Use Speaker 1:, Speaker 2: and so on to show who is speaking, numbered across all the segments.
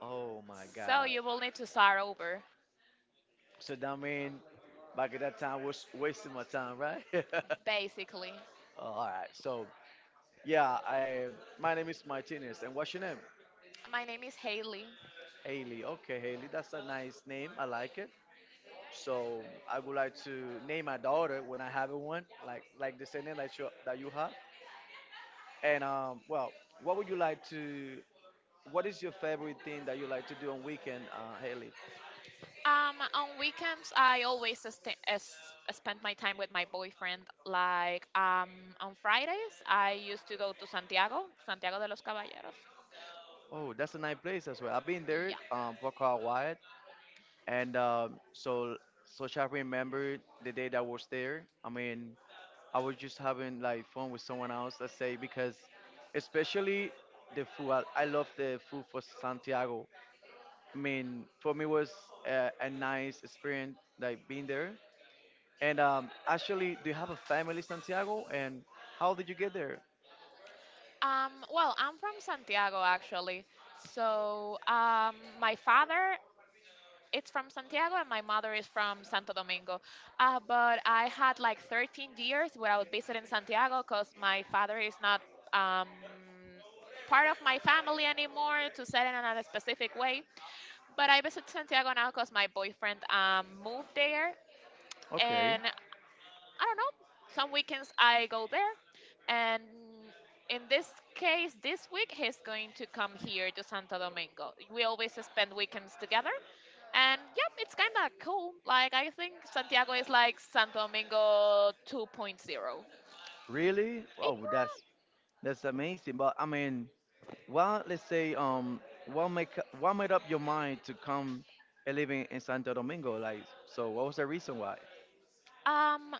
Speaker 1: oh my
Speaker 2: so
Speaker 1: God.
Speaker 2: you will need to start over,
Speaker 1: So that mean back at that time was wasting my time, right?
Speaker 2: basically.
Speaker 1: All right. So yeah, I my name is Martinez, and what's your name?
Speaker 2: My name is Haley.
Speaker 1: Haley. Okay, Haley. That's a nice name. I like it. So I would like to name my daughter when I have one, like the same name that you have. And um, well, what would you like to? What is your favorite thing that you like to do on weekend, Haley?
Speaker 2: On weekends, I always spend my time with my boyfriend. On Fridays, I used to go to Santiago, Santiago de los Caballeros.
Speaker 1: Oh, that's a nice place as well. I've been there,
Speaker 2: Yeah.
Speaker 1: Boca. And um, so, so I remember the day that I was there. I mean, I was just having like fun with someone else, let's say, because especially the food. I love the food for Santiago. I mean, for me was a nice experience, like being there. And actually, do you have a family in Santiago? And how did you get there?
Speaker 2: Well, I'm from Santiago actually. My father it's from Santiago, and my mother is from Santo Domingo. But I had like 13 years where I without in Santiago because my father is not um, part of my family anymore, to say it in a specific way. But I visit Santiago now because my boyfriend moved there,
Speaker 1: Okay,
Speaker 2: and I don't know. Some weekends I go there, and in this case, this week he's going to come here to Santo Domingo. We always spend weekends together, and yep, it's kind of cool. Like I think Santiago is like Santo Domingo 2.0. Yeah,
Speaker 1: really? Oh, that's amazing. But I mean, well, let's say, what make what made up your mind to come and living in Santo Domingo? Like, so what was the reason why?
Speaker 2: um,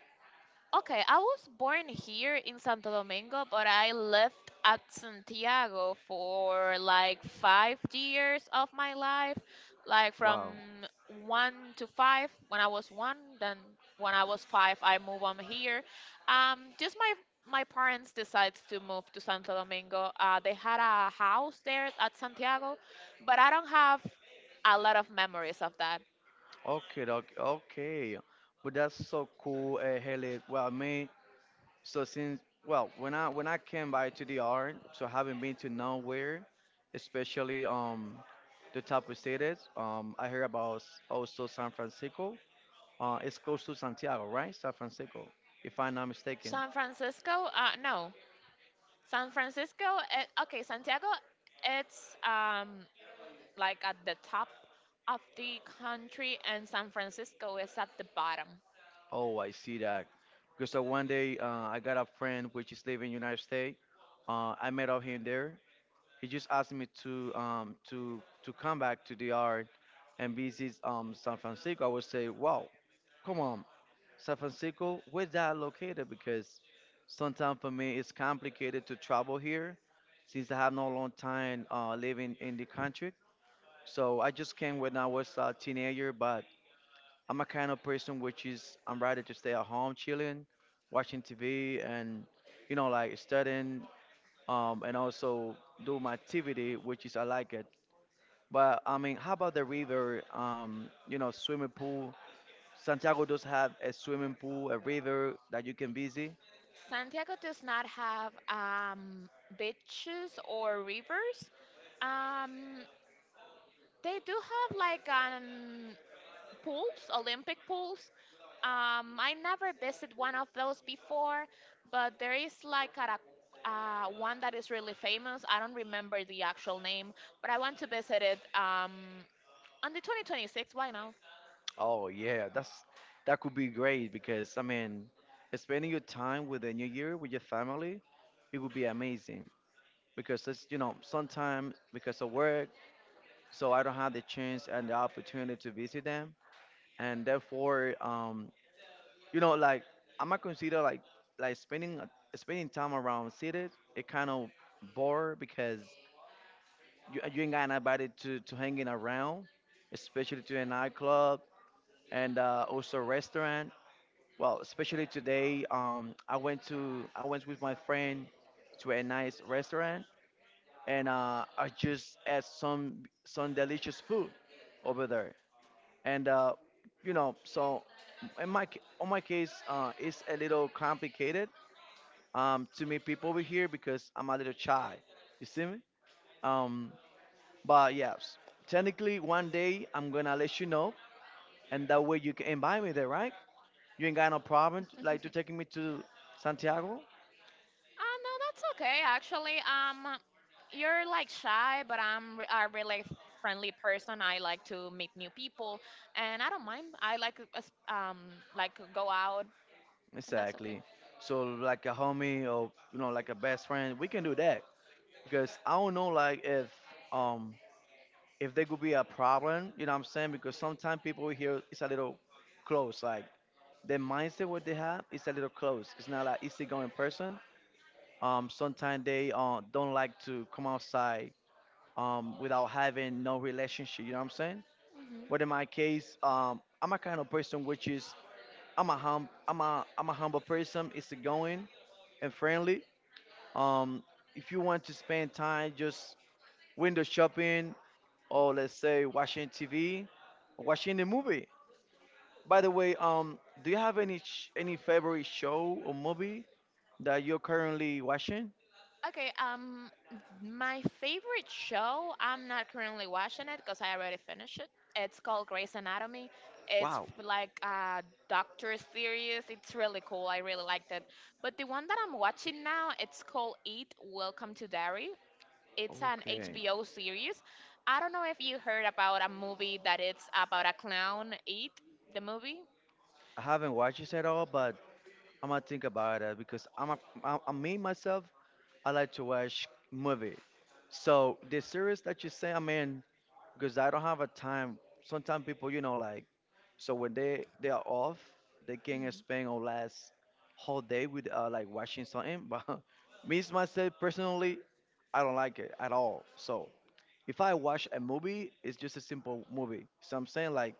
Speaker 2: okay, I was born here in Santo Domingo, but I lived at Santiago for like 5 years of my life, like from
Speaker 1: Wow.
Speaker 2: one to five. When I was one, then when I was five, I moved on here. Just my parents decided to move to Santo Domingo. They had a house there at Santiago, but I don't have a lot of memories of that.
Speaker 1: Okay, doc. Okay, but that's so cool, Haley. Well, me. So when I came by to the art, so I haven't been to nowhere, especially the top of cities. I heard about also San Francisco. It's close to Santiago, right? San Francisco, if I'm not mistaken.
Speaker 2: San Francisco? No, San Francisco, it, okay, Santiago, it's like at the top of the country, and San Francisco is at the bottom.
Speaker 1: Oh, I see that. Because one day I got a friend which is living in United States. I met up him there. He just asked me to to come back to the art and visit San Francisco. I would say, wow, come on, San Francisco, where's that located? Because sometimes for me it's complicated to travel here since I have no long time living in the country. So I just came when I was a teenager, but I'm a kind of person which is I'm rather to stay at home chilling, watching TV, and you know like studying, and also do my activity which is I like it. But I mean, how about the river? You know, swimming pool. Santiago does have a swimming pool, a river that you can visit.
Speaker 2: Santiago does not have beaches or rivers. Um, they do have like pools, Olympic pools. I never visited one of those before, but there is like a one that is really famous. I don't remember the actual name, but I want to visit it on the 2026. Why not?
Speaker 1: Oh yeah, that's that could be great because I mean, spending your time with the new year with your family, it would be amazing because it's you know sometimes because of work so I don't have the chance and the opportunity to visit them, and therefore, you know, like I'm not consider like like spending time around cities. It kind of bore because you ain't got nobody to hanging around, especially to a nightclub and also restaurant. Well, especially today, I went with my friend to a nice restaurant, and I just ate some delicious food over there and you know so in my on my case it's a little complicated, to meet people over here because I'm a little shy, you see me. um, but yeah, technically one day I'm gonna let you know, and that way you can invite me there, right? You ain't got no problem like to taking me to Santiago.
Speaker 2: No, that's okay actually. You're like shy, but I'm a really friendly person. I like to meet new people, and I don't mind. I like like go out, and that's okay.
Speaker 1: Exactly. So like a homie or you know like a best friend we can do that because I don't know like um if there could be a problem, you know what I'm saying? Because sometimes people here it's a little close, like the mindset what they have is a little close. It's not like easygoing person. Sometimes they don't like to come outside, without having no relationship. You know what I'm saying?
Speaker 2: Hmm.
Speaker 1: But in my case, I'm a kind of person which is I'm a humble person, easygoing and friendly. Um, if you want to spend time, just window shopping, or let's say watching TV, watching a movie. By the way, do you have any favorite show or movie that you're currently watching?
Speaker 2: Okay, um, my favorite show, I'm not currently watching it because I already finished it. It's called Grey's Anatomy. It's
Speaker 1: Wow.
Speaker 2: like a doctor series. It's really cool. I really liked it. But the one that I'm watching now, it's called Eat, Welcome to Dairy. It's an
Speaker 1: Okay.
Speaker 2: HBO series. I don't know if you heard about a movie that it's about a clown, Eat, the movie.
Speaker 1: I haven't watched it at all, but I'm gonna think about it because I me myself, I like to watch movie. So the series that you say, I mean, because I don't have a time. Sometimes people, you know, like so when they are off, they can spend or last whole day with like watching something. But me myself personally, I don't like it at all. So if I watch a movie, it's just a simple movie. So I'm saying like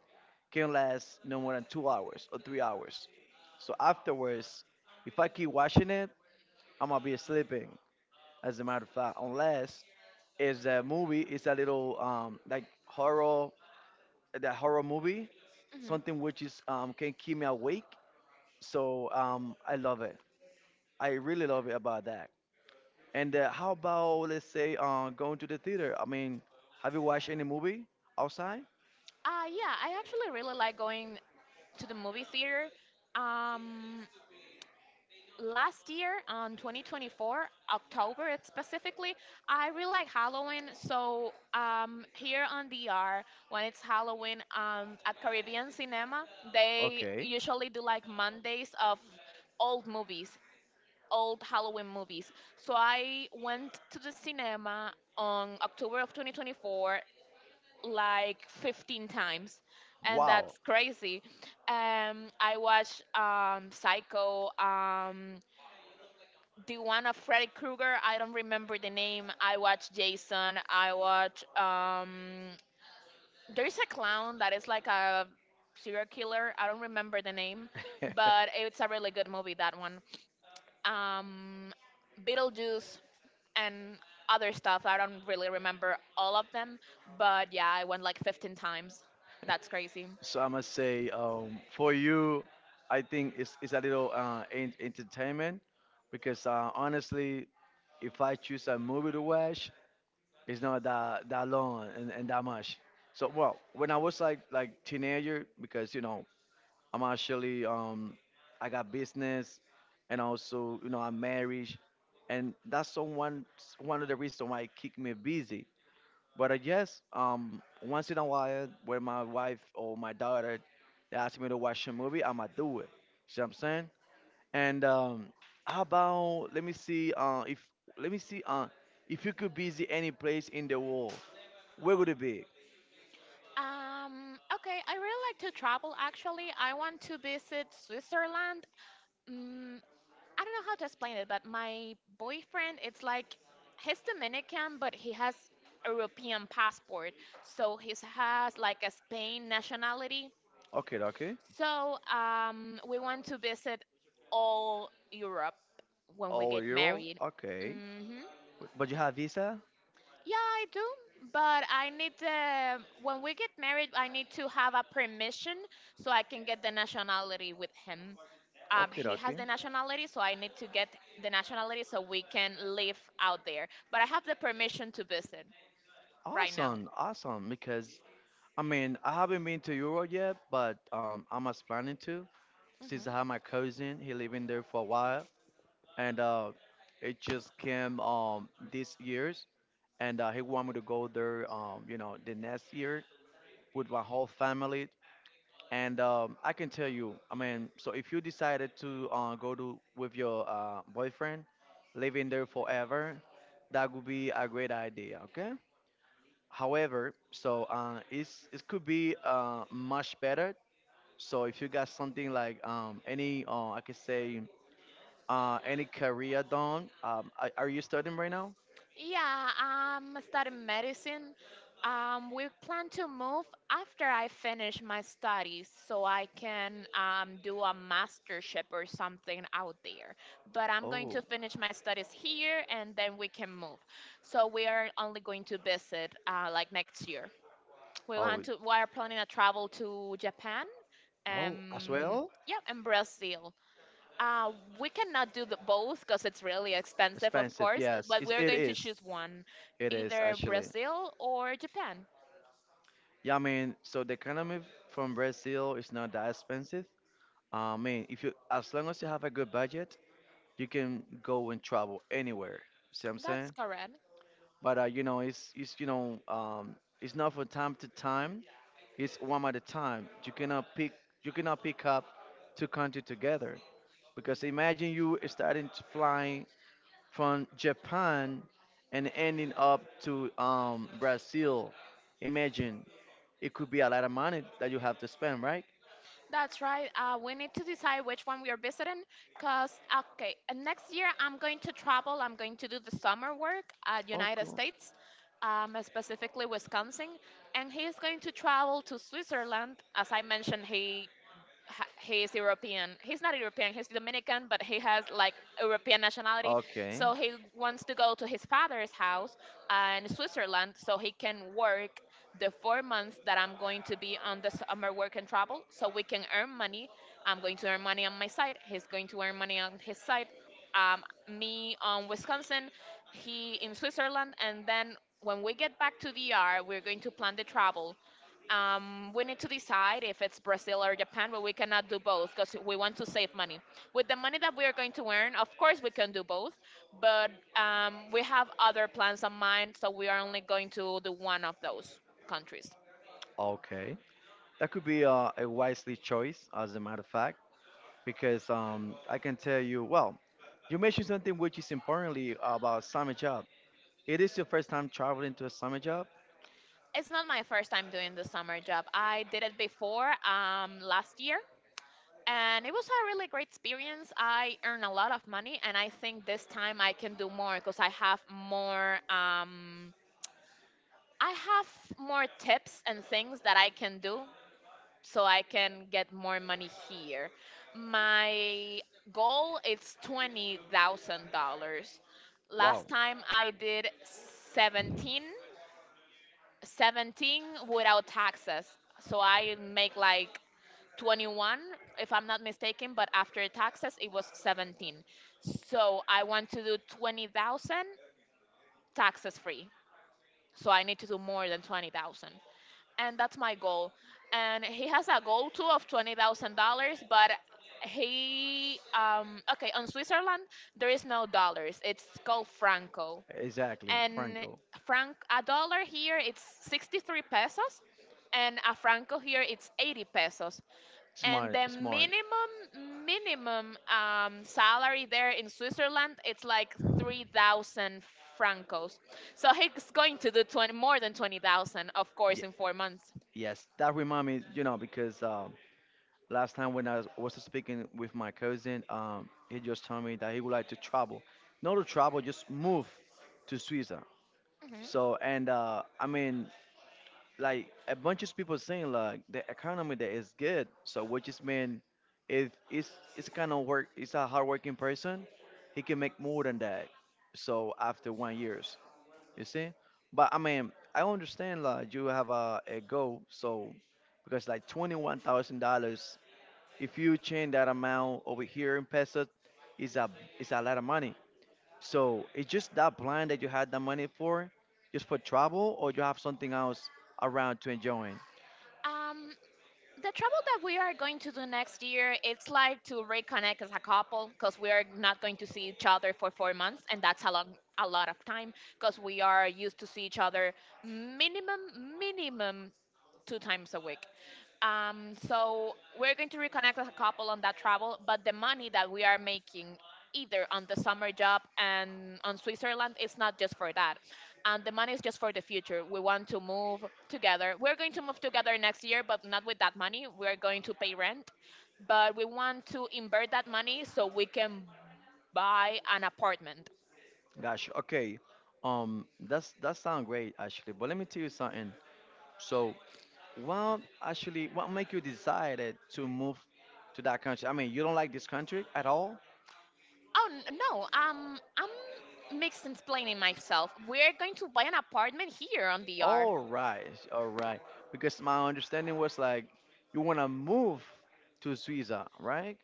Speaker 1: can last no more than 2 hours or 3 hours. So afterwards, if I keep watching it, I'm gonna be sleeping as a matter of fact, unless is a movie is a little like horror, that horror movie,
Speaker 2: Mm-hmm.
Speaker 1: something which is can keep me awake. So I love it. I really love it about that. And how about let's say going to the theater? I mean, have you watched any movie outside?
Speaker 2: Yeah, I actually really like going to the movie theater. Um, Last year on 2024 october specifically, I really like Halloween. Here on DR when it's Halloween, at Caribbean Cinema they
Speaker 1: Okay.
Speaker 2: usually do like Mondays of old movies, old Halloween movies. So I went to the cinema on October of 2024 like 15 times, and that's
Speaker 1: Wow.
Speaker 2: crazy. I watched Psycho, the one of Freddy Krueger. I don't remember the name. I watch Jason. I watch. There's a clown that is like a serial killer. I don't remember the name, but it's a really good movie. That one. Um, Beetlejuice, and other stuff. I don't really remember all of them, but yeah, I went like 15 times. That's crazy.
Speaker 1: So I must say, for you, I think it's a little entertainment because honestly, if I choose a movie to watch, it's not that long and that much. So well, when I was like teenager, because you know I'm actually I got business, and also you know I'm married, and that's someone one of the reasons why it keep me busy. But I guess once in a while when my wife or my daughter they ask me to watch a movie, I'ma do it. See what I'm saying? And how about let me see if you could visit any place in the world, where would it be?
Speaker 2: Okay, I really like to travel actually. I want to visit Switzerland. Mm, I don't know how to explain it, but my boyfriend, it's like he's Dominican, but he has European passport, so he has like a Spain nationality.
Speaker 1: Okay, okay.
Speaker 2: So we want to visit all Europe when we
Speaker 1: All
Speaker 2: get
Speaker 1: euro.
Speaker 2: married.
Speaker 1: Okay.
Speaker 2: Hmm.
Speaker 1: But you have visa?
Speaker 2: Yeah, I do, but I need to, when we get married, I need to have a permission so I can get the nationality with him.
Speaker 1: Okay,
Speaker 2: He has
Speaker 1: okay.
Speaker 2: the nationality, so I need to get the nationality so we can live out there. But I have the permission to visit right now.
Speaker 1: Awesome, awesome. Because I mean, I haven't been to Europe yet, but I'm as planning to since I have
Speaker 2: Hmm.
Speaker 1: my cousin. He living there for a while, and it just came this year's, and he want me to go there you know the next year with my whole family. And I can tell you, I mean, so if you decided to go to with your boyfriend, living there forever, that would be a great idea, okay? However, so it's it could be much better. So if you got something like any, I could say, any career done, are you studying right now?
Speaker 2: Yeah, I'm studying medicine. We plan to move after I finish my studies so I can do a mastership or something out there. But I'm going to
Speaker 1: Oh,
Speaker 2: finish my studies here and then we can move. So we are only going to visit like next year. We
Speaker 1: oh,
Speaker 2: want to we are planning a travel to Japan,
Speaker 1: oh, as
Speaker 2: um,
Speaker 1: well?
Speaker 2: yeah, and Brazil. Uh, we cannot do the both because it's really expensive, of
Speaker 1: Expensive,
Speaker 2: course.
Speaker 1: yes,
Speaker 2: But we're
Speaker 1: it
Speaker 2: going to
Speaker 1: is.
Speaker 2: choose one,
Speaker 1: It is
Speaker 2: either
Speaker 1: actually.
Speaker 2: Brazil or Japan.
Speaker 1: Yeah, I mean, so the economy from Brazil is not that expensive. I mean, if you as long as you have a good budget, you can go and travel anywhere. See what I'm
Speaker 2: That's
Speaker 1: saying?
Speaker 2: correct.
Speaker 1: But you know, it's you know, it's not from time to time. It's one at a time. You cannot pick up two countries together because imagine you starting to fly from Japan and ending up to Brazil, imagine it could be a lot of money that you have to spend, right?
Speaker 2: That's right. We need to decide which one we are visiting, cause okay, next year I'm going to travel. I'm going to do the summer work at
Speaker 1: Oh,
Speaker 2: United
Speaker 1: cool.
Speaker 2: States, specifically Wisconsin, and he's going to travel to Switzerland. As I mentioned, he he's European. He's not European. He's Dominican, but he has like European nationality.
Speaker 1: Okay,
Speaker 2: So he wants to go to his father's house in Switzerland so he can work the 4 months that I'm going to be on the summer work and travel, so we can earn money. I'm going to earn money on my side. He's going to earn money on his side. Um, me on Wisconsin, he in Switzerland, and then when we get back to DR, we're going to plan the travel. We need to decide if it's Brazil or Japan, but we cannot do both because we want to save money. With the money that we are going to earn, of course, we can do both, but we have other plans in mind, so we are only going to do one of those countries.
Speaker 1: okay. That could be a wisely choice, as a matter of fact, because I can tell you, well, you mentioned something which is importantly about summer job. It is your first time traveling to a summer job.
Speaker 2: It's not my first time doing the summer job. I did it before last year, and it was a really great experience. I earned a lot of money, and I think this time I can do more because I have more. I have more tips and things that I can do so I can get more money here. My goal is $20,000. Last
Speaker 1: Wow.
Speaker 2: time I did 17, 17 without taxes. So I make like 21 if I'm not mistaken, but after taxes it was 17. So I want to do 20,000 taxes free. So I need to do more than 20,000, and that's my goal. And he has a goal too of $20,000, but he okay on Switzerland there is no dollars. It's called franco,
Speaker 1: Exactly,
Speaker 2: and
Speaker 1: Franco.
Speaker 2: franc a dollar here it's 63 pesos, and a franco here it's 80 pesos. And the
Speaker 1: Smart, smart.
Speaker 2: minimum salary there in Switzerland it's like 3,000 francos. So he's going to do 20, more than 20,000, of course,
Speaker 1: Yeah.
Speaker 2: in 4 months.
Speaker 1: Yes, that remind me, you know, because last time when was speaking with my cousin, he just told me that he would like to travel. Not to travel, just move to Suiza.
Speaker 2: Mhm.
Speaker 1: So, and I mean, like a bunch of people saying like the economy there is good. So which is mean if it's it's kind of work it's a hardworking person, he can make more than that. So after 1 years, you see. But I mean, I understand like you have a goal. So because like $21,000, if you change that amount over here in pesos, is a is a lot of money. So it's just that plan that you had the money for, just for travel, or you have something else around to enjoy.
Speaker 2: Um, the travel that we are going to do next year, it's like to reconnect as a couple because we are not going to see each other for 4 months, and that's a long, a lot of time because we are used to see each other minimum 2 times a week. So we're going to reconnect as a couple on that travel, but the money that we are making either on the summer job and on Switzerland is not just for that. And the money is just for the future. We want to move together. We're going to move together next year, but not with that money. We're going to pay rent, but we want to invert that money so we can buy an apartment.
Speaker 1: Gosh, okay. That sounds great actually. But let me tell you something. So, what make you decided to move to that country? I mean, you don't like this country at all?
Speaker 2: Oh no, I'm mixed explaining myself. We're going to buy an apartment here on DR.
Speaker 1: All right, all right. Because my understanding was like you wanna move to Suiza, right?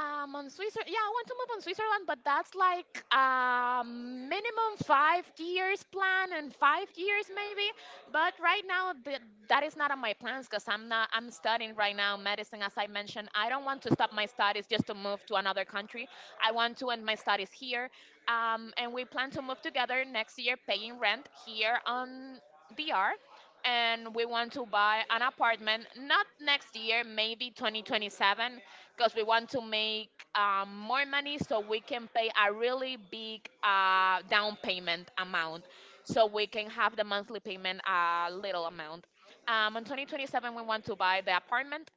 Speaker 2: On Switzerland, yeah, I want to move on Switzerland, but that's like a minimum 5 years plan and 5 years maybe. But right now, that is not on my plans because I'm not. I'm studying right now medicine, as I mentioned. I don't want to stop my studies just to move to another country. I want to end my studies here, and we plan to move together next year, paying rent here on DR. And we want to buy an apartment, not next year, maybe 2027, because we want to make more money so we can pay a really big down payment amount so we can have the monthly payment a little amount. In 2027, we want to buy the apartment.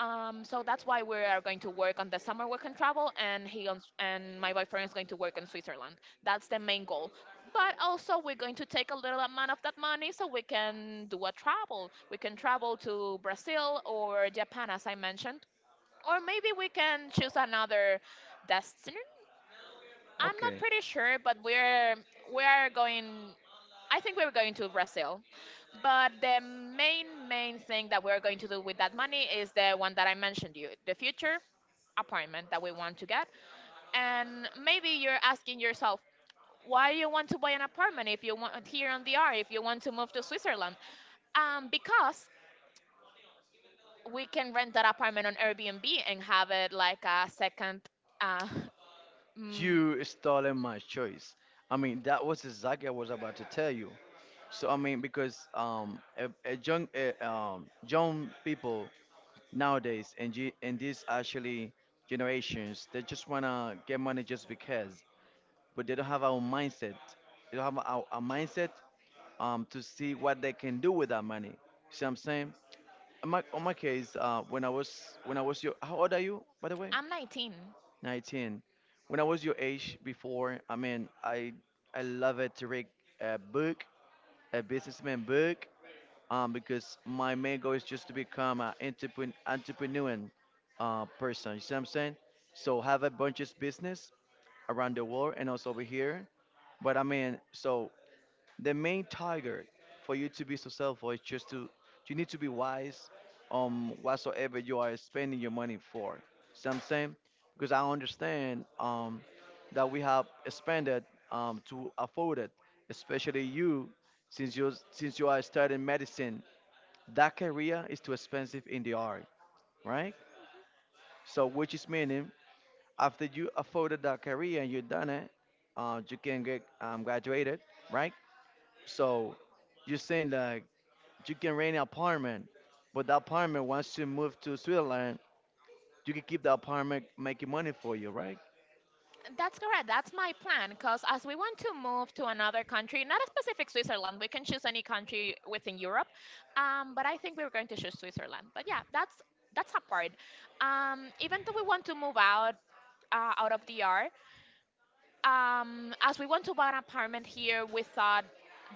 Speaker 2: So that's why we are going to work on the summer work and travel, and he on, and my boyfriend is going to work in Switzerland. That's the main goal. But also, we're going to take a little amount of that money so we can do a travel. We can travel to Brazil or Japan, as I mentioned, or maybe we can choose another destiny. I'm not
Speaker 1: Okay,
Speaker 2: pretty sure, but we are going. I think we're going to Brazil. But the main thing that we're going to do with that money is the one that I mentioned you, the future apartment that we want to get. And maybe you're asking yourself why you want to buy an apartment if you want here on the R if you want to move to Switzerland. Because we can rent that apartment on Airbnb and have it like a second uh,
Speaker 1: you stolen my choice. I mean, that was exactly what I was about to tell you. So I mean, because young people nowadays and you and these actually generations they just wanna get money just because but they don't have our mindset. They don't have our mindset to see what they can do with that money. You see what I'm saying? In my case when I was your— how old are you, by the way?
Speaker 2: I'm 19.
Speaker 1: 19. When I was your age before, I mean, I love it to read a book, a businessman book, because my main goal is just to become an entrepreneur person. You see what I'm saying? So have a bunch of business around the world and also over here. But I mean, so the main target for you to be successful is just to— you need to be wise on whatsoever you are spending your money for. See what I'm saying? Because I understand, that we have expanded, to afford it, especially you, since you— since you are studying medicine, that career is too expensive in the art, right? So, which is meaning, after you afforded that career and you done it, you can get graduated, right? So, you're saying that you can rent an apartment, but the apartment, once you move to Switzerland, you can keep the apartment making money for you, right?
Speaker 2: That's correct. That's my plan. Because as we want to move to another country, not a specific Switzerland, we can choose any country within Europe. But I think we're going to choose Switzerland. But yeah, that's apart. Even though we want to move out of DR, as we want to buy an apartment here, we thought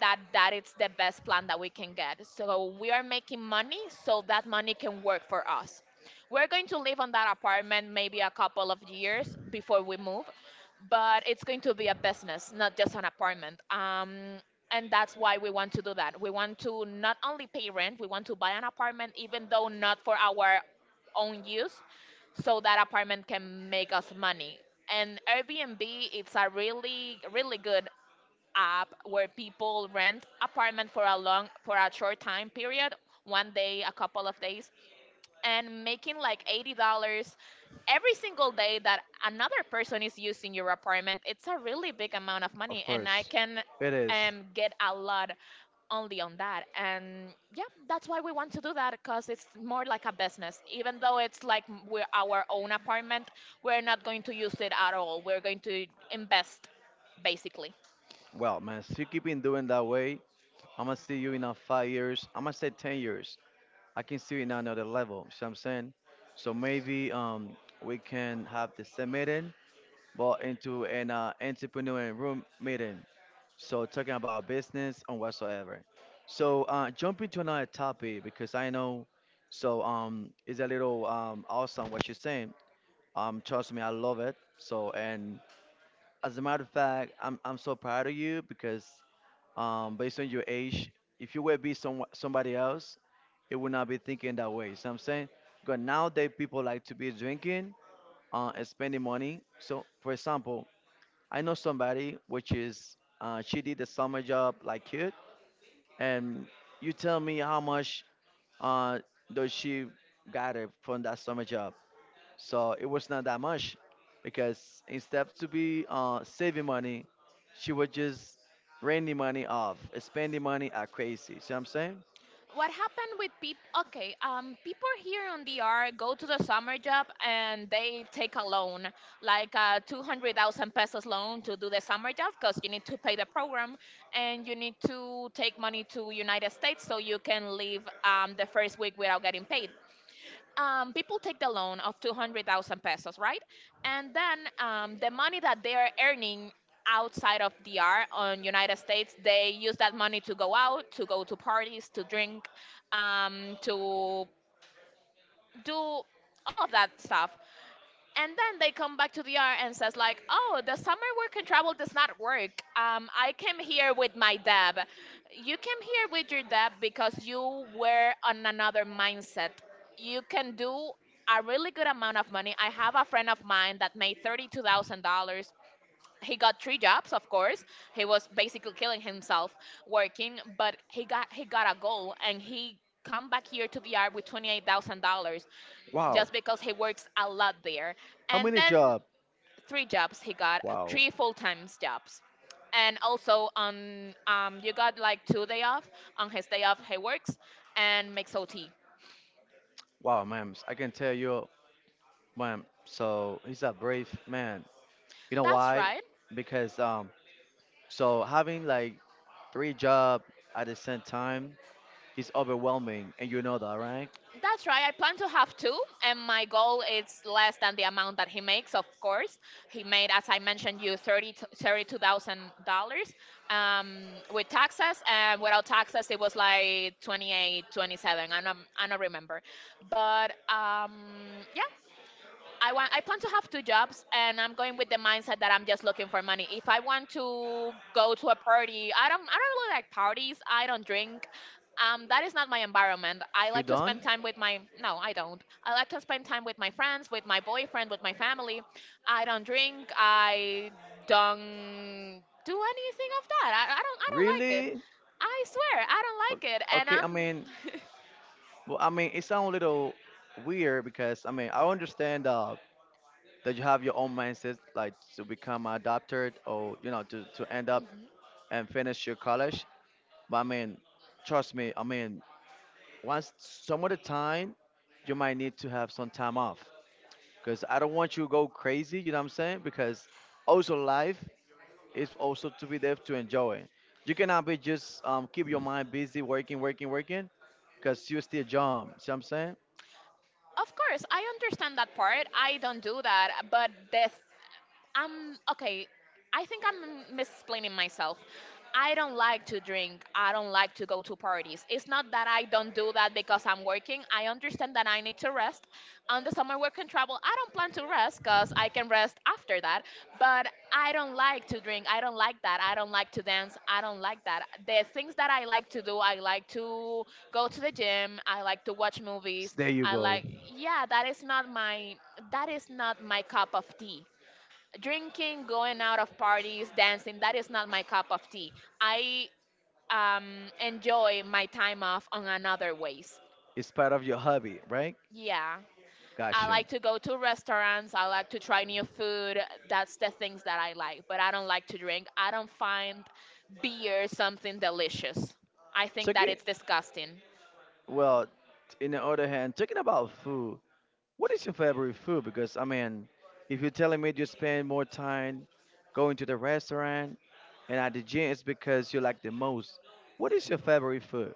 Speaker 2: that it's the best plan that we can get. So we are making money, so that money can work for us. We're going to live on that apartment maybe a couple of years before we move, but it's going to be a business, not just an apartment. And that's why we want to do that. We want to not only pay rent, we want to buy an apartment, even though not for our own use, so that apartment can make us money. And Airbnb, it's a really, really good app where people rent apartment for a short time period, 1 day, a couple of days, and making like $80 every single day that another person is using your apartment. It's a really big amount of
Speaker 1: Of
Speaker 2: money, and I
Speaker 1: course,
Speaker 2: can
Speaker 1: it is.
Speaker 2: get a lot only on that. And yeah, that's why we want to do that because it's more like a business. Even though it's like we're our own apartment, we're not going to use it at all. We're going to invest basically.
Speaker 1: Well, man, if you keep in doing that way, I'm gonna see you in a 5 years. I'm gonna say 10 years. I can see you in another level. See what I'm saying? So maybe we can have the same meeting, but into an entrepreneur and room meeting. So talking about business and whatsoever. So jumping to another topic because I know. So it's a little awesome what you're saying. Trust me, I love it. So, and as a matter of fact, I'm so proud of you, because based on your age, if you were be somebody else, it would not be thinking that way. So I'm saying, because nowadays people like to be drinking and spending money. So for example, I know somebody which is, she did a summer job like you, and you tell me how much uh, does she got it from that summer job? So it was not that much, because instead to be saving money, she was just raining money off, spending money like crazy. See what I'm saying?
Speaker 2: What happened with people? Okay, people here on DR go to the summer job and they take a loan, like a 200,000 pesos loan to do the summer job because you need to pay the program and you need to take money to United States so you can leave the first week without getting paid. People take the loan of 200,000 pesos, right? And then the money that they are earning outside of DR on United States, they use that money to go out, to go to parties, to drink, to do all of that stuff and then they come back to the R and says like, "Oh, the summer work and travel does not work. I came here with my deb. You came here with your deb because you were on another mindset. You can do a really good amount of money. I have a friend of mine that made $32,000. He got three jobs, of course. He was basically killing himself working, but he got a goal and he come back here to the R with $28,000
Speaker 1: Wow.
Speaker 2: just because he works a lot there.
Speaker 1: How
Speaker 2: And
Speaker 1: many
Speaker 2: then
Speaker 1: job?
Speaker 2: three jobs he got,
Speaker 1: Wow.
Speaker 2: three full time jobs. And also on you got like 2 day off. On his day off, he works and makes OT.
Speaker 1: Wow, man, I can tell you, man. So he's a brave man. You know
Speaker 2: That's
Speaker 1: why?
Speaker 2: right.
Speaker 1: Because so having like three job at the same time is overwhelming, and you know that, right?
Speaker 2: That's right. I plan to have two, and my goal is less than the amount that he makes. Of course, he made, as I mentioned, you thirty-two thousand dollars um, with taxes, and without taxes, it was like 28, 27. I don't remember, but yeah, I plan to have two jobs and I'm going with the mindset that I'm just looking for money. If I want to go to a party, I don't really like parties. I don't drink. That is not my environment. I
Speaker 1: You
Speaker 2: like to
Speaker 1: done?
Speaker 2: spend time with my, no, I don't. I like to spend time with my friends, with my boyfriend, with my family. I don't drink. I don't do anything of that. I don't like it.
Speaker 1: Really?
Speaker 2: I swear, I don't
Speaker 1: O-
Speaker 2: like it and
Speaker 1: Okay, I mean,
Speaker 2: I'm
Speaker 1: well, I mean, it sounds a little weird, because I mean, I understand that you have your own mindset, like to become a doctor, or you know, to end up
Speaker 2: Mhm.
Speaker 1: and finish your college. But I mean, trust me, I mean, once, some of the time, you might need to have some time off, because I don't want you to go crazy. You know what I'm saying? Because also life is also to be there to enjoy. You cannot be just keep your mind busy working, working, working, because you're still young. See what I'm saying?
Speaker 2: Of course, I understand that part. I don't do that. But the
Speaker 1: I would, okay,
Speaker 2: I'm okay. I think I'm misplaining myself. I don't like
Speaker 1: do—
Speaker 2: to drink. I don't like to go to parties. It's not that I don't do that because I'm working. I understand that I need to rest. On the summer work and travel, I don't plan to rest because I can rest after that. But I don't like to drink. I don't like that. I don't like to dance. I don't like that. The things that I like to do, I like to go to the gym. I like to watch movies.
Speaker 1: There—
Speaker 2: I like, yeah, that is not my cup of tea drinking, going out of parties, dancing, that is not my cup of tea. I enjoy my time off on another ways.
Speaker 1: it's part of your hobby, right?
Speaker 2: Yeah. I
Speaker 1: Gotcha.
Speaker 2: like to go to restaurants. I like to try new food. That's the things that I like. But I don't like to drink. I don't find beer something delicious. I think that
Speaker 1: Talking,
Speaker 2: it's disgusting.
Speaker 1: well, in the other hand, talking about food, what is your favorite food? Because I mean, if you're telling me you spend more time going to the restaurant and at the gym, it's because you like the most. What is your favorite food?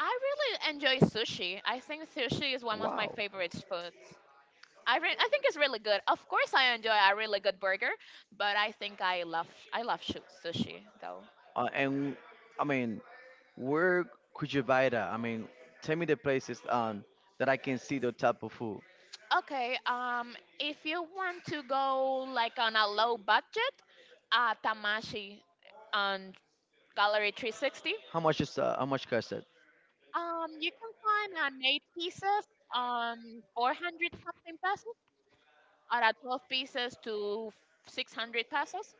Speaker 2: I really enjoy sushi. I think sushi is one of my
Speaker 1: Wow.
Speaker 2: favorite foods. I think it's really good. Of course, I enjoy a really good burger, but I think I love sushi though.
Speaker 1: And I mean, where could you buy that? I mean, tell me the places that I can see the type of food.
Speaker 2: Okay, if you want to go like on a low budget, Tamashi on Gallery 360.
Speaker 1: How much is, how much cost it?
Speaker 2: You can find an eight pieces on 400 something pesos, or a 12 pieces to 600 pesos.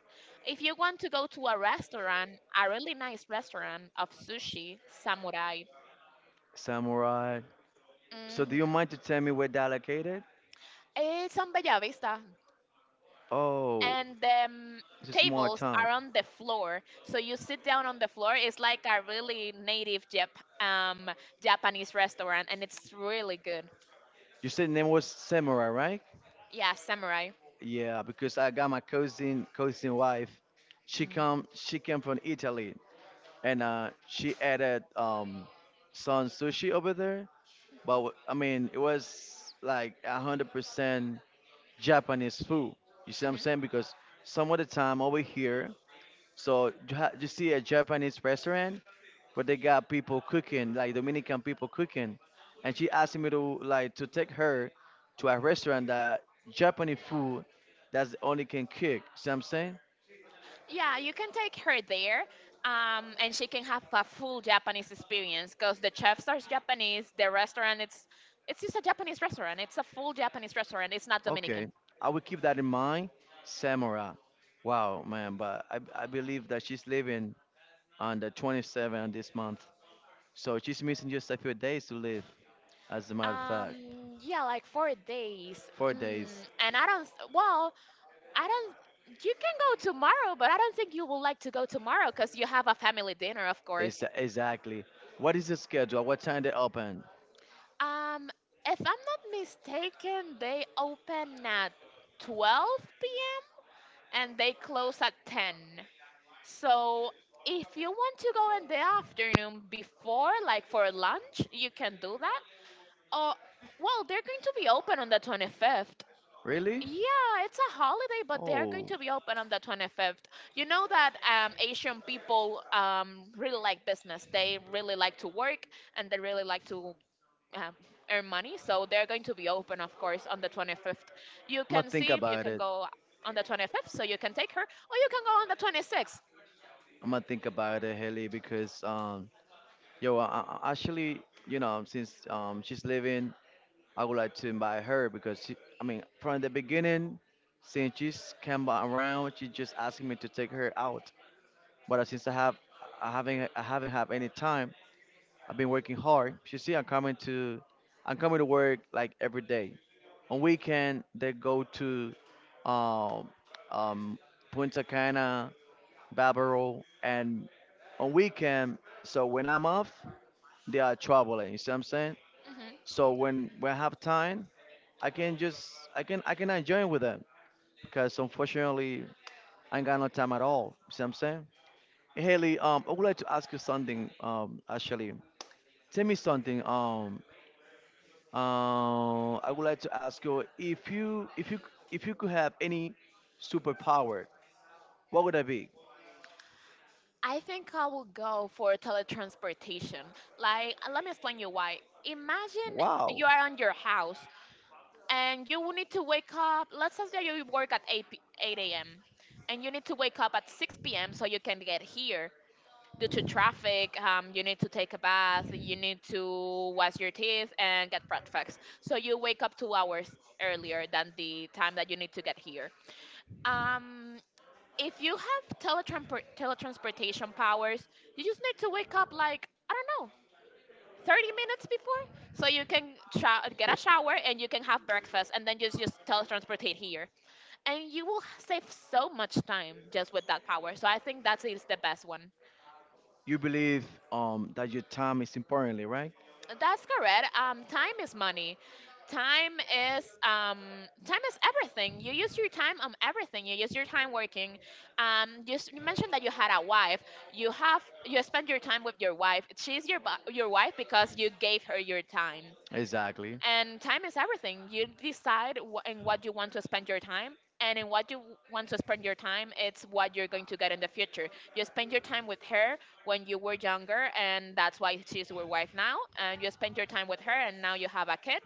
Speaker 2: If you want to go to a restaurant, a really nice restaurant of sushi, Samurai.
Speaker 1: Samurai. So do you
Speaker 2: Mm-hmm.
Speaker 1: mind to tell me where they're located?
Speaker 2: It's on Bella Vista.
Speaker 1: Oh,
Speaker 2: And the
Speaker 1: it's a small
Speaker 2: tables
Speaker 1: town.
Speaker 2: are on the floor. So you sit down on the floor. It's like a really native Japanese restaurant, and it's really good.
Speaker 1: You said name was Samurai, right?
Speaker 2: Yeah, Samurai.
Speaker 1: Yeah, because I got my cousin wife.
Speaker 2: Hmm.
Speaker 1: She came from Italy, and she added some sushi over there. But I mean, it was like 100% Japanese food. You see what I'm
Speaker 2: Hmm.
Speaker 1: saying? Because some of the time over here, so you, you see a Japanese restaurant, but they got people cooking, like Dominican people cooking, and she asked me to like to take her to a restaurant that Japanese food that's the only can cook. See what I'm saying?
Speaker 2: Yeah, you can take her there, and she can have a full Japanese experience because the chefs are Japanese. The restaurant, it's just a Japanese restaurant. It's a full Japanese restaurant. It's not
Speaker 1: Okay,
Speaker 2: Dominican.
Speaker 1: I will keep that in mind. Samurai. Wow, man, but I believe that she's leaving on the 27th this month. So she's missing just a few days to live. As a matter of fact,
Speaker 2: Yeah, like 4 days.
Speaker 1: 4 days.
Speaker 2: And I don't. Well, I don't. You can go tomorrow, but I don't think you would like to go tomorrow because you have a family dinner, of course.
Speaker 1: Is exactly. What is the schedule? What time they open?
Speaker 2: Um, if I'm not mistaken, they open at 12 p.m. and they close at 10. So if you want to go in the afternoon before, like for lunch, you can do that. Or well, they're going to be open on the 25th.
Speaker 1: Really?
Speaker 2: Yeah, it's a holiday, but they are going
Speaker 1: Oh,
Speaker 2: to be open on the 25th. You know that Asian people really like business. They really like to work and they really like to um, earn money. So they're going to be open, of course, on the 25th. You
Speaker 1: I'm gonna
Speaker 2: can
Speaker 1: think
Speaker 2: see if you
Speaker 1: about
Speaker 2: can
Speaker 1: it.
Speaker 2: go on the 25th, so you can take her, or you can go on the 26th.
Speaker 1: I'm gonna think about it, Haley, because yo, actually, you know, since she's living, I would like to invite her because she, I mean, from the beginning, since she's around, she just asking me to take her out. But since I have, I haven't had any time. I've been working hard. You see, I'm coming to work like every day. On weekend, they go to, um, um, Punta Cana, Barbaro, and on weekend. So when I'm off, they are traveling. You see what I'm saying?
Speaker 2: Hmm.
Speaker 1: So when we have time, I can just I can enjoy with them, because unfortunately I ain't got no time at all. See what I'm saying? Haley, I would like to ask you something. Actually, tell me something. I would like to ask you if you if you if you could have any superpower, what would that be?
Speaker 2: I think I will go for teletransportation. Like, let me explain you why. Imagine
Speaker 1: Wow.
Speaker 2: you are on your house and you will need to wake up. Let's say that you work at 8 a.m. and you need to wake up at 6 p.m. so you can get here. Due to traffic, you need to take a bath, you need to wash your teeth and get breakfast. So you wake up 2 hours earlier than the time that you need to get here. Um, if you have teletransportation powers, you just need to wake up like I don't 30 minutes before so you can get
Speaker 1: So,
Speaker 2: a shower and you can have breakfast and then just teletransport here and you will save so much time just with that power. So I think that is the best one.
Speaker 1: you believe that your time is importantly, right?
Speaker 2: That's correct. Time is money. time is um Time is everything. You use your time on everything. You use your time working. You mentioned that you had a wife. You spend your time with your wife. She's your your wife because you gave her your time,
Speaker 1: Exactly.
Speaker 2: and time is everything. You decide in what you want to spend your time, and in what you want to spend your time it's what you're going to get in the future. You spend your time with her when you were younger and that's why she's your wife now, and you spend your time with her and now you have a kid,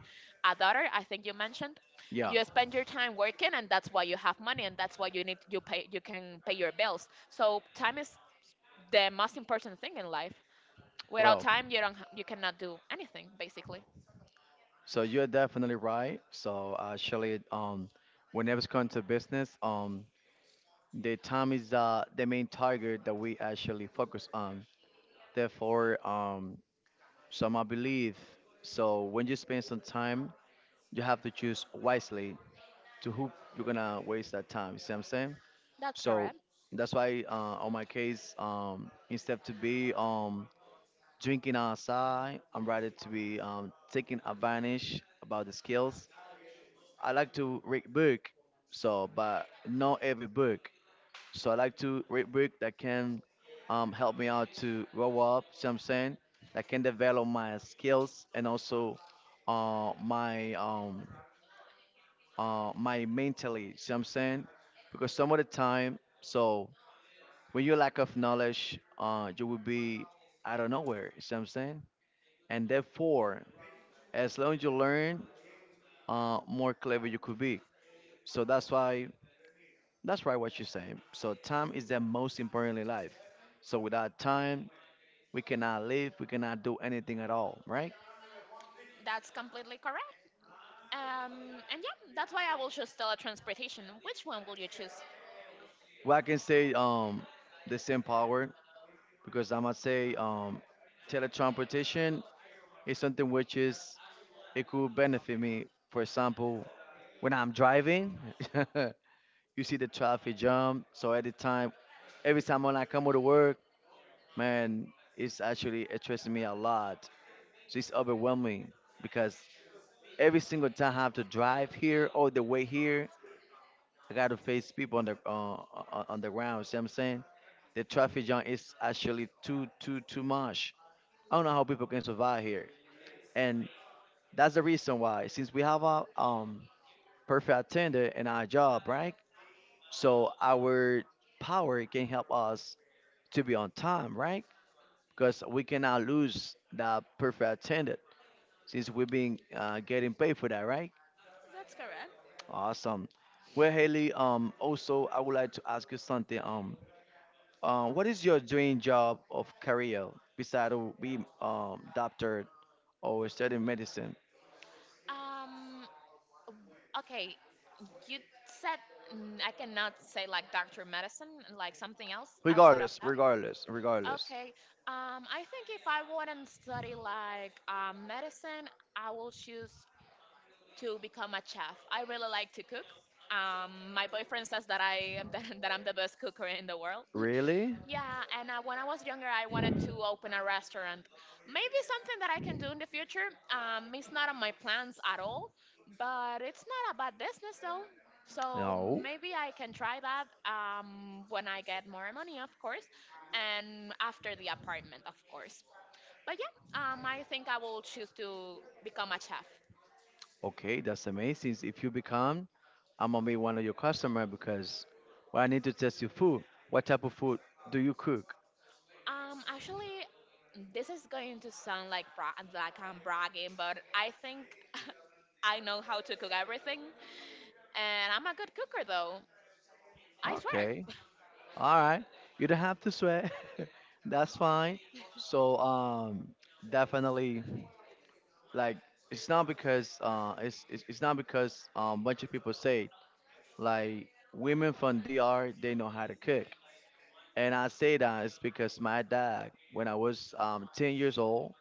Speaker 2: a daughter I think you mentioned.
Speaker 1: Yeah.
Speaker 2: You spend your time working and that's why you have money and that's why you can pay your bills. So time is the most important thing in life. Without
Speaker 1: Well,
Speaker 2: time you don't ha- you cannot do anything basically.
Speaker 1: so you're definitely right. So actually, whenever it's come to business, the time is, the main target that we actually focus on. Therefore, so my belief. So when you spend some time, you have to choose wisely to who you're gonna waste that time. You see what I'm saying?
Speaker 2: That's
Speaker 1: So
Speaker 2: correct.
Speaker 1: that's why on my case, instead to be, drinking outside, I'm rather to be, taking advantage about the skills. I like to read book, so but not every book. So I like to read book that can, help me out to grow up. See what I'm saying? That can develop my skills and also uh, my um, my mentally. See what I'm saying? Because some of the time, so when you lack of knowledge, you will be out of nowhere. See what I'm saying? And therefore, as long as you learn, more clever you could be. So that's why, that's right what you're saying. So time is the most important in life. So without time, we cannot live. We cannot do anything at all, right?
Speaker 2: That's completely correct. And yeah, that's why I will choose teletransportation. Which one will you choose?
Speaker 1: Well, I can say, the same power, because I must say, teletransportation. It's something which is— it could benefit me. For example, when I'm driving, you see the traffic jam. So at the time, every time when I come to work, man, it's actually stressing me a lot. So it's overwhelming, because every single time I have to drive here all the way here, I got to face people on the, on the ground. See what I'm saying? The traffic jam is actually too much. I don't know how people can survive here. And that's the reason why, since we have a, perfect attendant in our job, right? So our power can help us to be on time, right? Because we cannot lose that perfect attendant, since we've been getting paid for that, right?
Speaker 2: That's correct.
Speaker 1: Awesome. Well, Haley, also I would like to ask you something. What is your dream job of career besides of being doctor or studying medicine?
Speaker 2: Um, okay, you said I cannot say like doctor medicine, like something else outside of
Speaker 1: Regardless,
Speaker 2: that.
Speaker 1: regardless, regardless.
Speaker 2: Okay, I think if I wouldn't study like medicine, I will choose to become a chef. I really like to cook. My boyfriend says that I am the, that I'm the best cooker in the world.
Speaker 1: Really?
Speaker 2: Yeah, and when I was younger, I wanted to open a restaurant. Maybe something that I can do in the future. It's not on my plans at all, but it's not a bad business though. So
Speaker 1: No.
Speaker 2: maybe I can try that when I get more money, of course, and after the apartment, of course. But yeah, I think I will choose to become a chef.
Speaker 1: Okay, that's amazing. If you become, I'm gonna be one of your customer, because well, I need to test your food. What type of food do you cook?
Speaker 2: Actually, this is going to sound like like I'm bragging, but I think I know how to cook everything. And I'm a good cooker though. I swear.
Speaker 1: Okay. All right. You don't have to sweat. That's fine. So definitely, like, it's not because it's not because, bunch of people say it, like women from DR they know how to cook, and I say that it's because my dad, when I was 10 years old.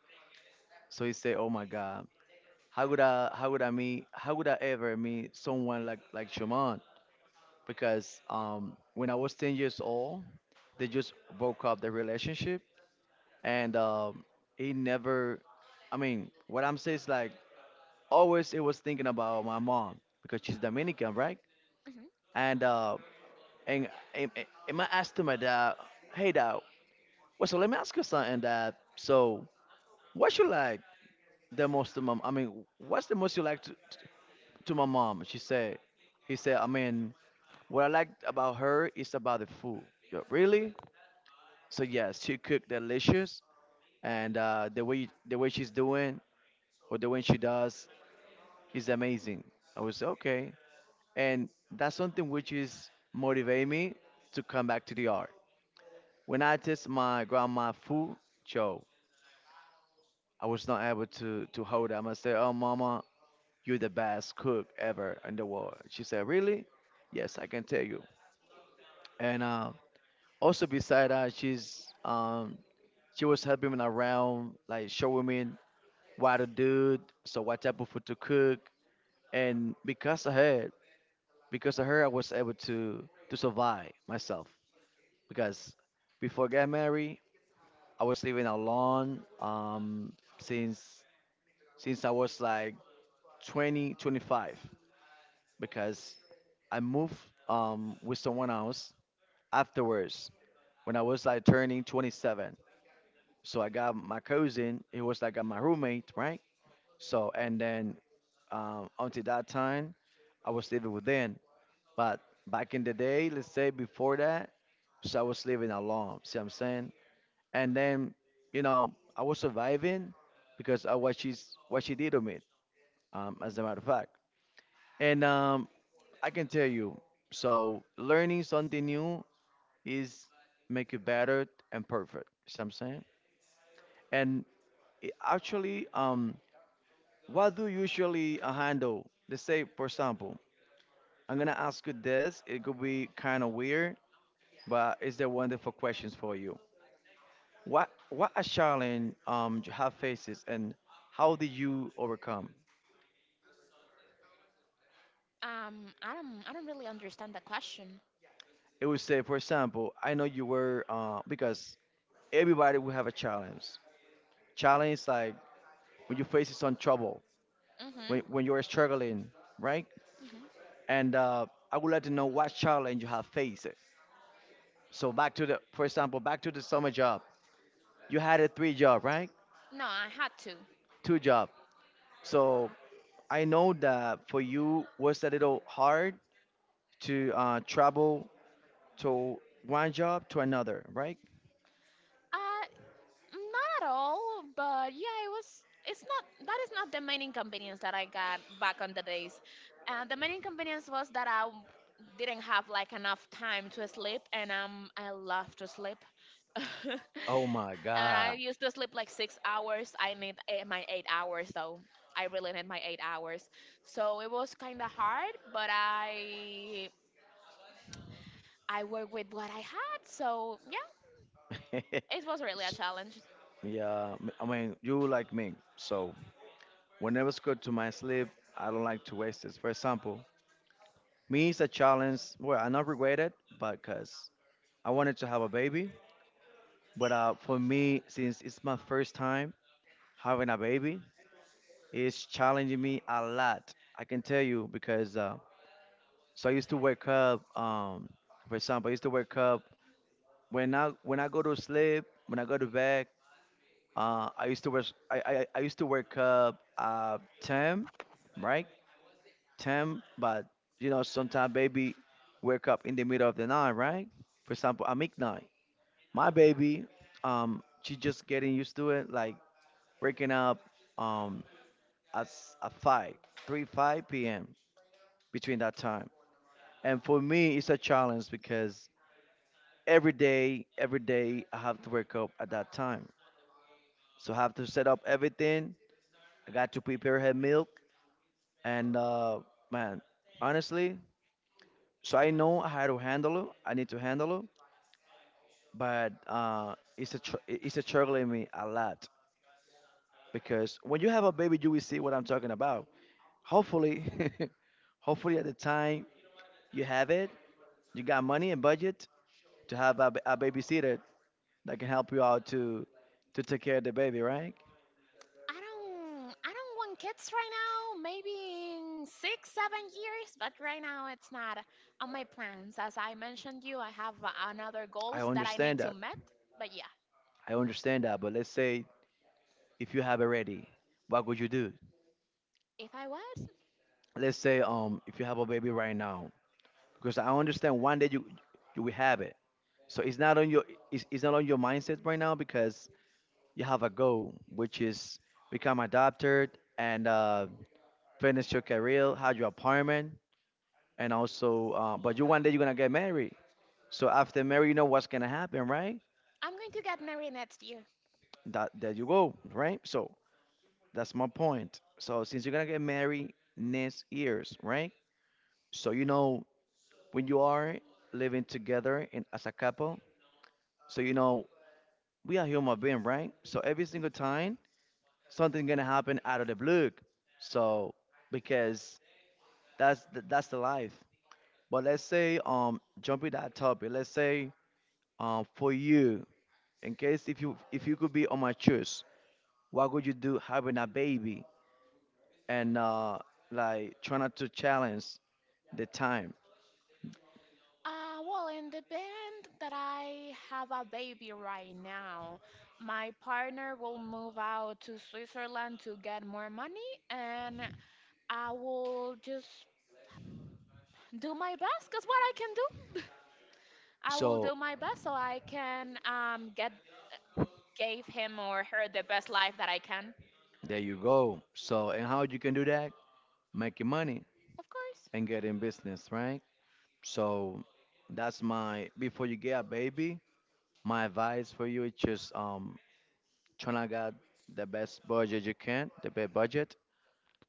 Speaker 1: So he said, "Oh my God, how would I ever meet someone like Shuman?" Because when I was 10 years old, they just broke up the relationship, and he never— I mean what I'm saying is like, always it was thinking about my mom, because she's Dominican, right?
Speaker 2: Hmm.
Speaker 1: And and and, and I asked my dad, "Hey dad, what's so? Let me ask you something, dad. So what you like the most mom? I mean what's the most you like to my mom. He said, I mean, what I liked about her is about the food. Yo, really? So yes, she cooked delicious, and the way she's doing or the way she does is amazing. I was okay, and that's something which is motivate me to come back to the art. When I taste my grandma food, Joe, I was not able to hold them. I said, "Oh, mama, you're the best cook ever in the world." She said, "Really?" Yes, I can tell you. And Also, beside that, she was helping me around, like showing me what to do, so what type of food to cook, and because of her, I was able to survive myself. Because before I got married, I was living alone, since since I was like 20 25. Because I moved, with someone else afterwards when I was like turning 27. So I got my cousin, he was like my roommate, right? So and then, until that time, I was living with them. But back in the day, let's say before that, so I was living alone. See what I'm saying? And then, I was surviving because of what she did to me. As a matter of fact, and I can tell you, so learning something new is make you better and perfect. See what I'm saying? And it actually, um, What do you usually handle? Let's say, for example, I'm gonna ask you this. It could be kind of weird, but it's the wonderful questions for you. What a challenge you have faces, and how did you overcome?
Speaker 2: I don't really understand the question.
Speaker 1: It would say, for example, I know you were, because everybody will have a challenge. Challenge is like when you face some trouble, when
Speaker 2: Hmm.
Speaker 1: when you're struggling, right?
Speaker 2: Hmm.
Speaker 1: And I would like to know what challenge you have faced. So back to the, for example, back to the summer job. You had a three job, right?
Speaker 2: No, I had to.
Speaker 1: Two job. So I know that for you was a little hard to, travel to one job to another, right?
Speaker 2: Uh, Not at all, but yeah, it was. It's not. That is not the main inconvenience that I got back on the days. The main inconvenience was that didn't have like enough time to sleep, and I love to sleep. And
Speaker 1: Oh my
Speaker 2: I
Speaker 1: God.
Speaker 2: used to sleep like 6 hours. I need my 8 hours, though. I really need my 8 hours. So it was kind of hard, but I work with what I had. So yeah, it was really a
Speaker 1: S-
Speaker 2: challenge.
Speaker 1: yeah, I mean, you like me. So whenever it's good to my sleep, I don't like to waste it. For example, me is a challenge. Well, I not regret it, but because I wanted to have a baby. But, for me, since it's my first time having a baby, it's challenging me a lot. I can tell you because, so I used to wake up. For example, I used to wake up when I go to sleep, when I go to bed. I used to wake up 10, right? 10, but sometimes baby wake up in the middle of the night, right? For example, I midnight. My baby, she just getting used to it, like waking up um at five, 3-5 p.m. between that time. And for me, it's a challenge because every day, I have to wake up at that time. So I have to set up everything. I got to prepare her milk. And man, honestly, so I know how to handle it. I need to handle it, but, it's a struggle in me a lot, because when you have a baby, you will see what I'm talking about. Hopefully, hopefully at the time you have it, you got money and budget to have a babysitter that can help you out to take care of the baby, right?
Speaker 2: I don't want kids right now, maybe in six, 7 years, but right now it's not on my plans. As I mentioned you, I have another
Speaker 1: I
Speaker 2: goals that I need
Speaker 1: understand
Speaker 2: to
Speaker 1: that.
Speaker 2: met. But yeah,
Speaker 1: I understand that. But let's say if you have it ready, what would you do?
Speaker 2: if I was,
Speaker 1: Let's say if you have a baby right now, because I understand one day you will have it. So it's not on your mindset right now, because you have a goal, which is become a doctor, and, finish your career, have your apartment, and also, but you one day you're gonna get married. So after marriage, you know what's gonna happen, right?
Speaker 2: I'm going to get married next year.
Speaker 1: That, there you go, right? So that's my point. So since you're gonna get married next years, right? So when you are living together and as a couple, so we are human being, right? So every single time something gonna happen out of the blue. So because that's the life. But let's say jumping that topic, let's say for you, in case if you could be on my choice, what would you do having a baby, and, like try not to challenge the time.
Speaker 2: Well in the band that I have a baby right now, my partner will move out to Switzerland to get more money and I will just do my best because what I can do. I will
Speaker 1: So
Speaker 2: do my best so I can get gave him or her the best life that I can.
Speaker 1: there you go. So and how you can do that? Making money
Speaker 2: Of course.
Speaker 1: and getting business, right? So that's my, before you get a baby, my advice for you is just trying to get the best budget you can, the best budget,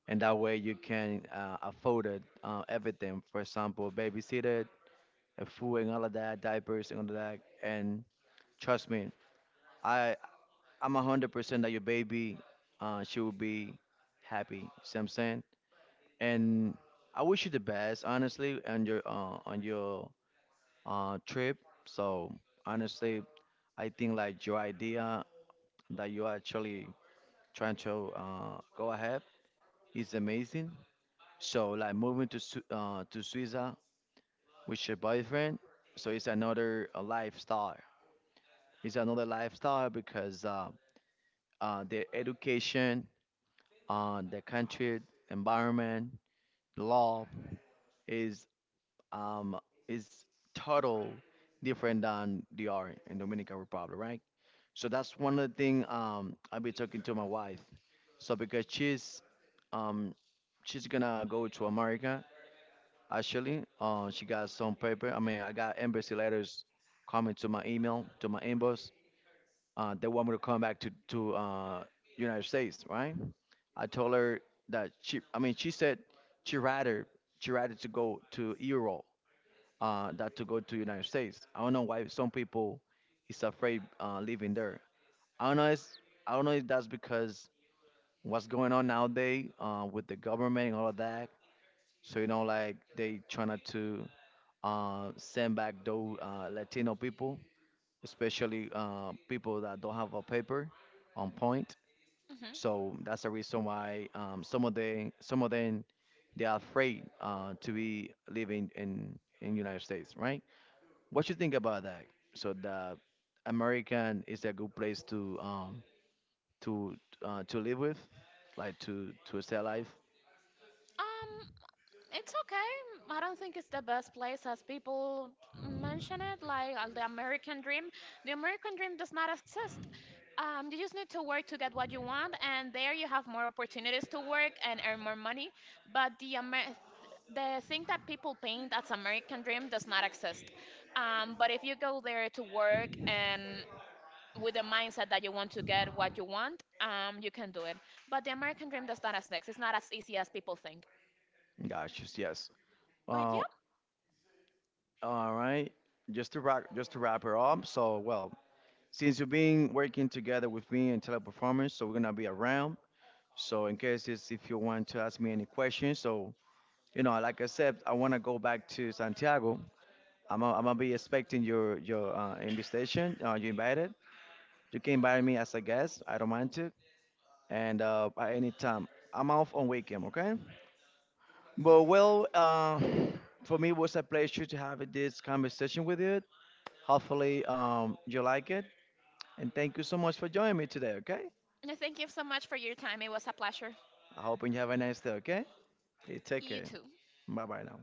Speaker 1: and that way you can, afford it, everything. For example, babysitter, food and all of that, diapers and all of that, and trust me, I I'm 100% that your baby, she will be happy. See what I'm saying? And I wish you the best, honestly, on your trip. So honestly, I think like your idea that you are actually trying to, go ahead is amazing. So like moving to to Suiza with your boyfriend, so it's another, lifestyle. It's another lifestyle because, their education on the country, environment, law is um is total different than they are in Dominican Republic, right? So that's one of the thing I'll be talking to my wife. So because um she's gonna go to America actually. She got some paper. I mean I got embassy letters coming to my email, to my inbox, they want me to come back to United States, right? I told her that she said she rather she rather to go to Europe, that to go to United States. I don't know why some people is afraid, living there. I don't know. I don't know if that's because what's going on nowadays, with the government and all of that. So like they trying to, send back those, Latino people, especially, people that don't have a paper on point.
Speaker 2: Hmm.
Speaker 1: So that's the reason why, some of them they are afraid, to be living in United States, right? What you think about that? So that American is a good place to, to to live with, like to stay alive.
Speaker 2: Um, it's okay. I don't think it's the best place as people mention it, like the American dream. The American dream does not exist. You just need to work to get what you want, and there you have more opportunities to work and earn more money. But the thing that people paint as American dream does not exist. But if you go there to work and with the mindset that you want to get what you want, you can do it. But the American dream does not exist. It's not as easy as people think.
Speaker 1: Gosh, yes.
Speaker 2: But
Speaker 1: Uh,
Speaker 2: yeah,
Speaker 1: all right. Just to wrap her up. So well, since you've been working together with me in Teleperformance, so we're gonna be around. So in case if you want to ask me any questions, so like I said, I wanna go back to Santiago. I'm gonna be expecting your invitation. You invited. You can invite me as a guest. I don't mind it. And at any time, I'm off on weekend. Okay. But well, for me, it was a pleasure to have this conversation with you. Hopefully, you like it. And thank you so much for joining me today. Okay.
Speaker 2: thank you so much for your time. It was a pleasure.
Speaker 1: I hope you have a nice day, okay? You take
Speaker 2: You
Speaker 1: care.
Speaker 2: too.
Speaker 1: Bye bye now.